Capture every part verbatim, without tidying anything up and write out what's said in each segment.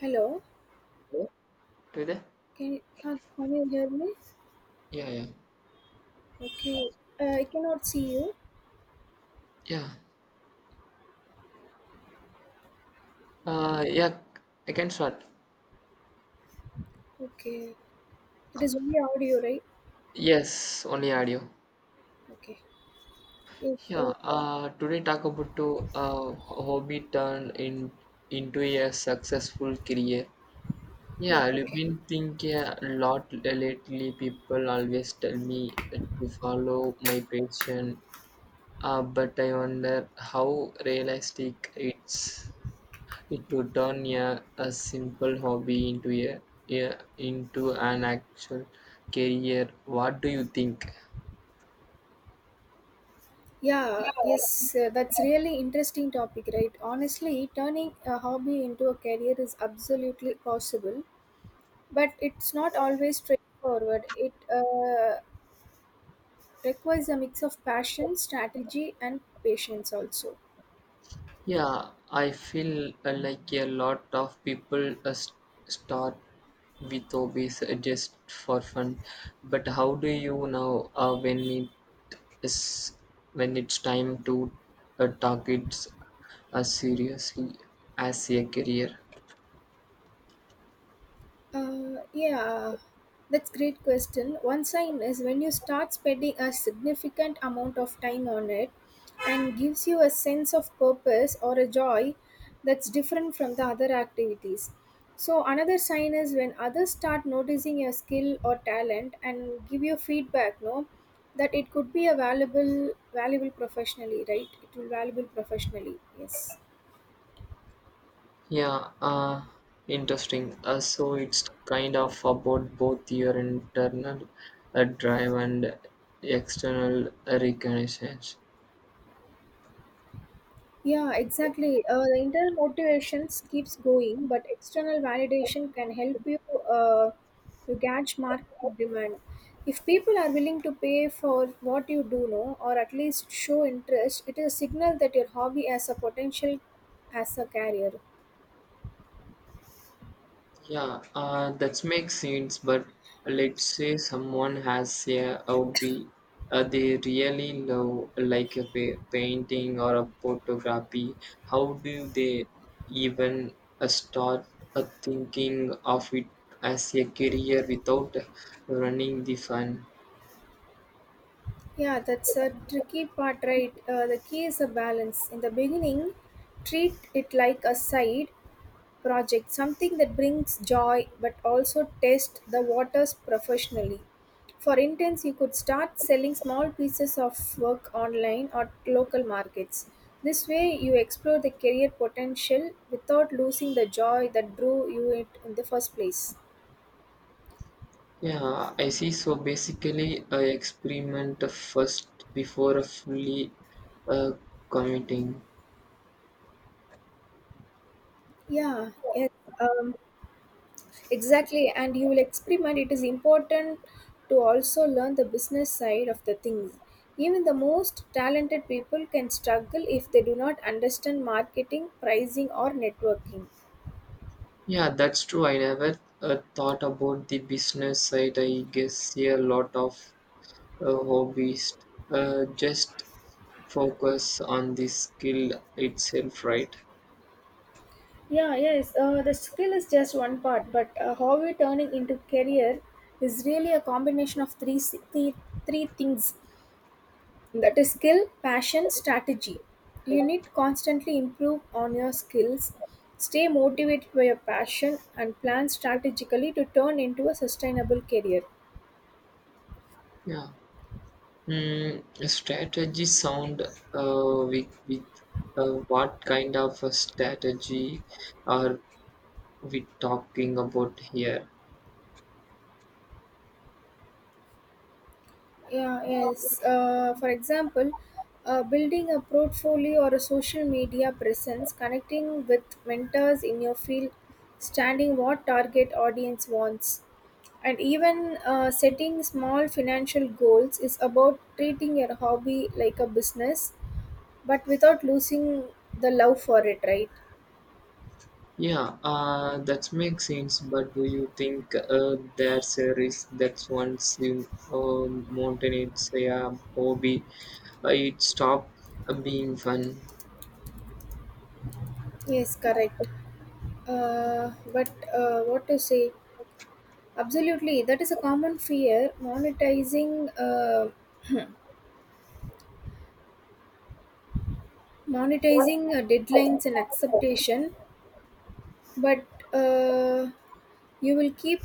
Hello, You there? can you, uh, can you hear me? Yeah, yeah, Okay, uh, I cannot see you. yeah. Uh, yeah, I can start. Okay, it is only audio, right? Yes, only audio. Okay, yes, uh, Yeah. Uh, today talk about to uh hobby turned in into a successful career. Yeah, yeah, I've okay, been thinking a lot lately. People always tell me to follow my passion, uh, but I wonder how realistic it's. It would turn a, a simple hobby into a, a into an actual career. What do you think? yeah, yes. Uh, that's really interesting topic, right? Honestly, turning a hobby into a career is absolutely possible, but it's not always straightforward. It uh, requires a mix of passion, strategy, and patience also. Yeah, I feel uh, like a lot of people uh, s- start with hobbies uh, just for fun, but how do you know uh, when it is when it's time to uh, target s- as seriously as a career? Uh, yeah, that's great question. One sign is when you start spending a significant amount of time on it and gives you a sense of purpose or a joy that's different from the other activities. So another sign is when others start noticing your skill or talent and give you feedback, no, that it could be a valuable valuable professionally, right? It will valuable professionally. Yes. Yeah, uh, interesting. Uh, so it's kind of about both your internal uh, drive and external recognition. Yeah, exactly. Uh, the internal motivations keeps going, but external validation can help you uh, to gauge market demand. If people are willing to pay for what you do know, or at least show interest, it is a signal that your hobby has a potential as a career. Yeah, uh, that makes sense. But let's say someone has a hobby uh, they really love, like a pa- painting or a photography. How do they even uh, start uh, thinking of it as a career without running the fun? Yeah, that's a tricky part, right? Uh, the key is a balance. In the beginning, treat it like a side project, something that brings joy but also test the waters professionally. For instance, you could start selling small pieces of work online or local markets. This way, you explore the career potential without losing the joy that drew you it in the first place. Yeah, I see. So basically, I experiment first before fully uh, committing. Yeah, yes. Um, Exactly, and you will experiment. It is important to also learn the business side of the things. Even the most talented people can struggle if they do not understand marketing, pricing, or networking. Yeah, that's true. I never uh, thought about the business side. I guess see a lot of uh, hobbyists uh, just focus on the skill itself, right? Yeah, yes, uh, the skill is just one part, but uh, how we turn it into career is really a combination of three, si- three, three things. That is skill, passion, strategy. You need constantly improve on your skills, stay motivated by your passion, and plan strategically to turn into a sustainable career. Yeah. Mm, strategy sound uh, with, with uh, what kind of a strategy are we talking about here? Yeah, yes, uh, for example, uh, building a portfolio or a social media presence, connecting with mentors in your field, standing what target audience wants, and even uh, setting small financial goals is about treating your hobby like a business but without losing the love for it, right? Yeah, uh, that makes sense. But do you think uh, there's a risk that once you uh, mountain it's a uh, hobby, uh, it stop uh, being fun? Yes, correct. Uh, but uh, what to say? Absolutely, that is a common fear. Monetizing, uh, monetizing uh, deadlines and acceptation, but uh, you will keep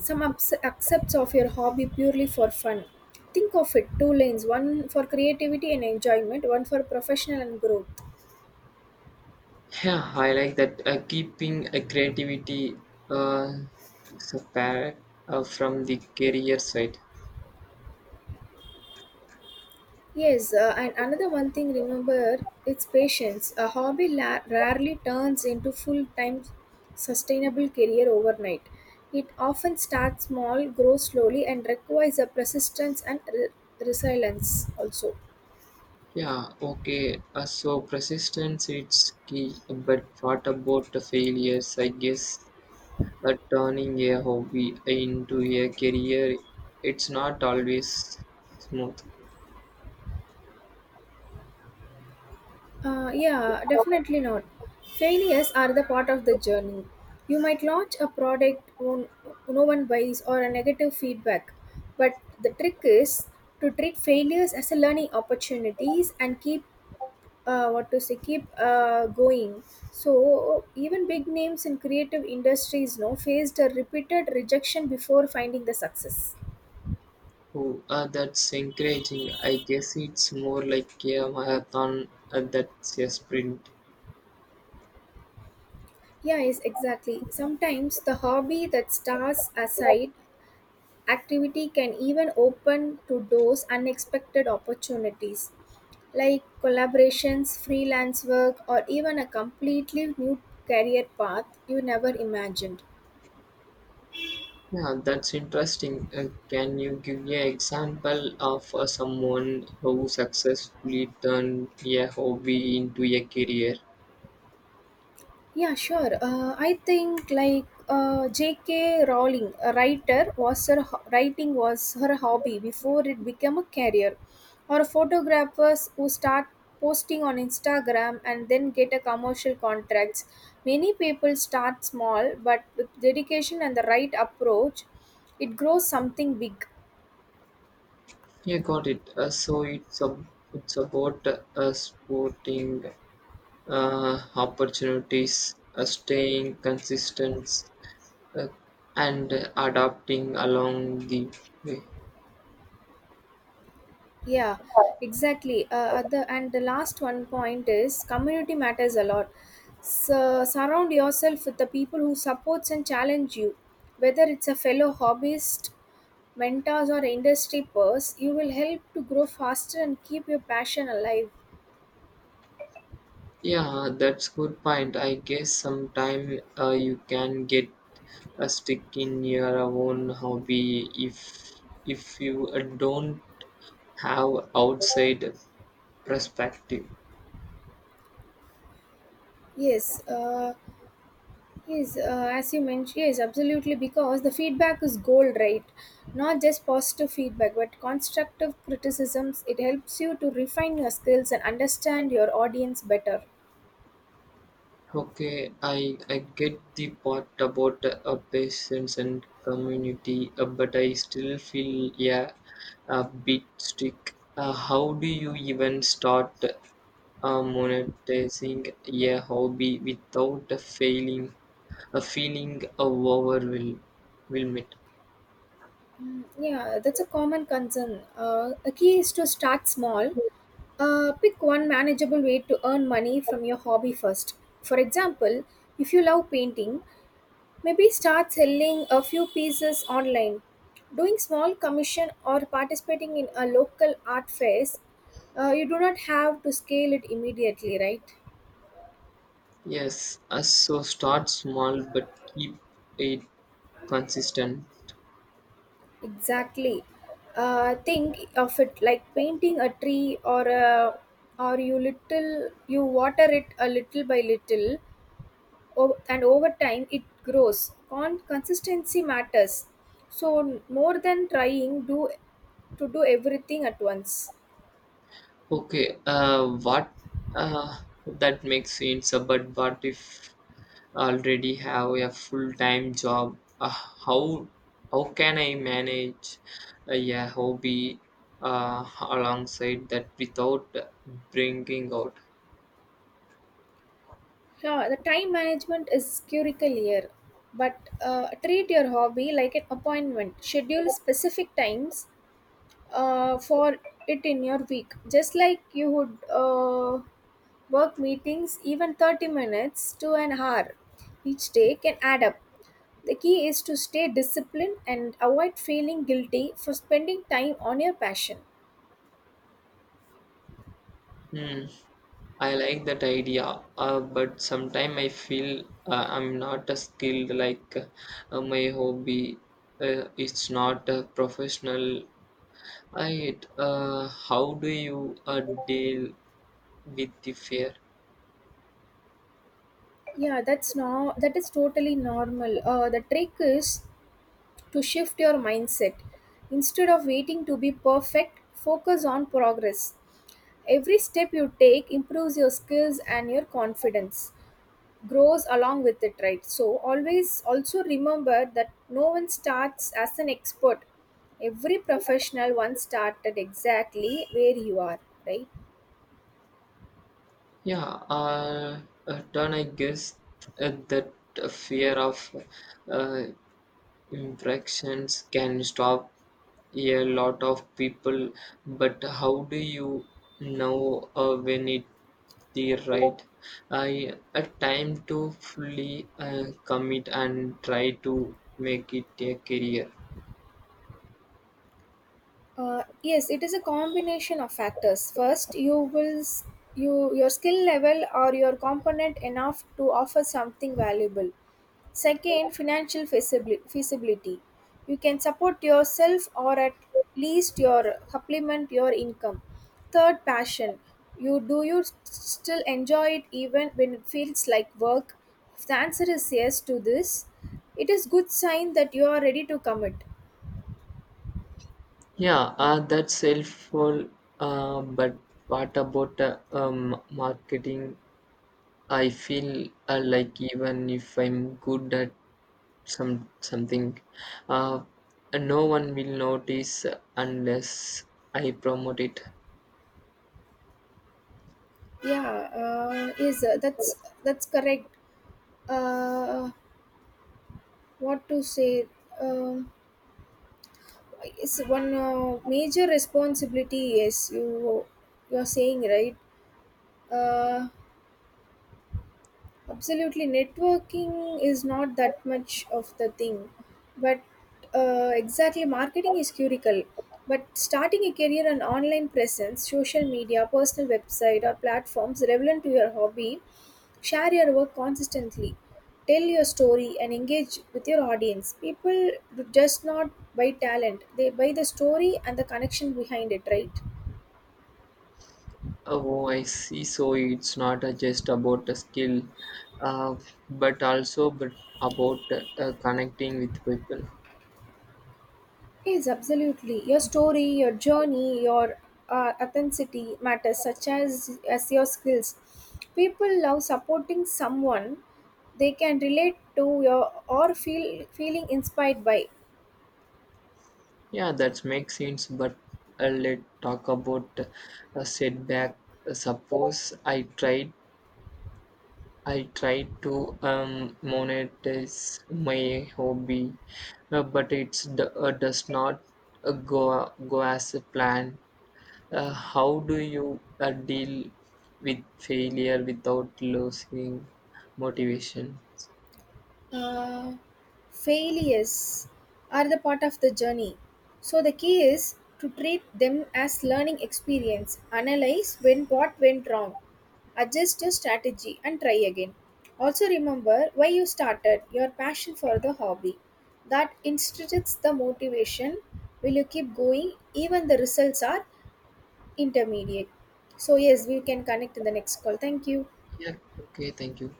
some ups- accepts of your hobby purely for fun. Think of it two lanes: one for creativity and enjoyment, one for professional and growth. Yeah, I like that. Uh, keeping a creativity uh, separate uh, from the career side. Yes, uh, and another one thing remember, it's patience. A hobby la- rarely turns into full time sustainable career overnight. It often starts small, grows slowly, and requires a persistence and re- resilience also. Yeah, okay. Uh, so persistence it's key, but what about the failures? I guess But turning a hobby into a career, it's not always smooth. Uh, yeah, definitely not. Failures are the part of the journey. You might launch a product on, no one buys or a negative feedback, but the trick is to treat failures as a learning opportunities and keep uh, what to say keep uh, going. So even big names in creative industries no faced a repeated rejection before finding the success. Oh, uh, that's encouraging. I guess it's more like a marathon uh, that's a sprint. Yeah, yes, exactly. Sometimes the hobby that stars aside activity can even open to doors unexpected opportunities, like collaborations, freelance work, or even a completely new career path you never imagined. Yeah, that's interesting. Uh, can you give an example of uh, someone who successfully turned a hobby into a career? Yeah, sure. Uh, I think like uh, J K. Rowling, a writer, was her ho- writing was her hobby before it became a career, or photographers who start posting on Instagram and then get a commercial contracts. Many people start small, but with dedication and the right approach, it grows something big. Yeah, got it. Uh, so it's a, it's about uh, sporting uh, opportunities, uh, staying consistent, uh, and adapting along the way. Yeah, exactly. Uh, other and the last one point is community matters a lot. So surround yourself with the people who supports and challenge you, whether it's a fellow hobbyist, mentors, or industry pers. You will help to grow faster and keep your passion alive. Yeah, that's good point. I guess sometime uh, you can get a stick in your own hobby if if you uh, don't have outside perspective. Yes. Uh, Yes, uh, as you mentioned, yes, absolutely, because the feedback is gold, right? Not just positive feedback, but constructive criticisms. It helps you to refine your skills and understand your audience better. Okay, I, I get the part about uh, patients and community, uh, but I still feel yeah a bit stuck. Uh, how do you even start uh, monetizing a hobby without failing a feeling of overwhelm? Wilmit. Yeah, that's a common concern. Uh, a key is to start small. Uh, pick one manageable way to earn money from your hobby first. For example, if you love painting, maybe start selling a few pieces online, doing small commission or participating in a local art fest. Uh, you do not have to scale it immediately, right? Yes, uh, so start small but keep it consistent. Exactly. Uh, think of it like painting a tree or a or you little you water it a little by little o- and over time it grows. Con consistency matters. So more than trying do to do everything at once. Okay, uh, what uh, that makes sense, uh, but what if already have a full-time job? Uh, how how can I manage uh, a hobby uh, alongside that without bringing out? Yeah, the time management is critical here. But uh, treat your hobby like an appointment. Schedule specific times uh, for it in your week. Just like you would uh, work meetings, even thirty minutes to an hour each day can add up. The key is to stay disciplined and avoid feeling guilty for spending time on your passion. Hmm, I like that idea, uh, but sometimes I feel uh, I'm not a skilled like uh, my hobby. Uh, it's not a professional Right. Uh, how do you uh, deal with the fear? Yeah, that's no, that is totally normal. Uh, the trick is to shift your mindset. Instead of waiting to be perfect, focus on progress. Every step you take improves your skills and your confidence grows along with it, right? So, always also remember that no one starts as an expert. Every professional once started exactly where you are, right? Yeah, uh, uh, do I guess uh, that uh, fear of uh, infractions can stop a lot of people, but how do you know uh, when it the right I a time to fully uh, commit and try to make it a career? Uh, yes, it is a combination of factors. First, you will s- you your skill level or your component enough to offer something valuable. Second, financial feasibli- feasibility. You can support yourself or at least your supplement your income. Third, passion. You do you s- still enjoy it even when it feels like work? If the answer is yes to this, it is good sign that you are ready to commit. Yeah, uh, that's helpful. Uh, but what about uh, um, marketing? I feel uh, like even if I'm good at some something, uh, no one will notice unless I promote it. Yeah, uh, is uh, that's that's correct. Uh, what to say? Um, is one uh, major responsibility. Yes, you you're saying right. Uh, Absolutely, networking is not that much of the thing, but uh, exactly, marketing is curical. But starting a career on online presence, social media, personal website, or platforms relevant to your hobby, share your work consistently, tell your story, and engage with your audience. People do just not buy talent; they buy the story and the connection behind it, right? Oh, I see. So it's not uh, just about a skill, uh, but also but about uh, connecting with people. Yes, absolutely. Your story, your journey, your uh, authenticity matters, such as as your skills. People love supporting someone they can relate to your or feel feeling inspired by. Yeah, that makes sense, but uh, let's talk about a setback. Suppose I tried I tried to um, monetize my hobby, uh, but it's d- uh, does not uh, go go as a plan. Uh, how do you uh, deal with failure without losing motivation? uh, Failures are the part of the journey. So the key is to treat them as learning experience, analyze when what went wrong, adjust your strategy and try again. Also remember why you started, your passion for the hobby. That instigates the motivation will you keep going even the results are intermediate. So yes, we can connect in the next call. Thank you. Yeah, okay, thank you.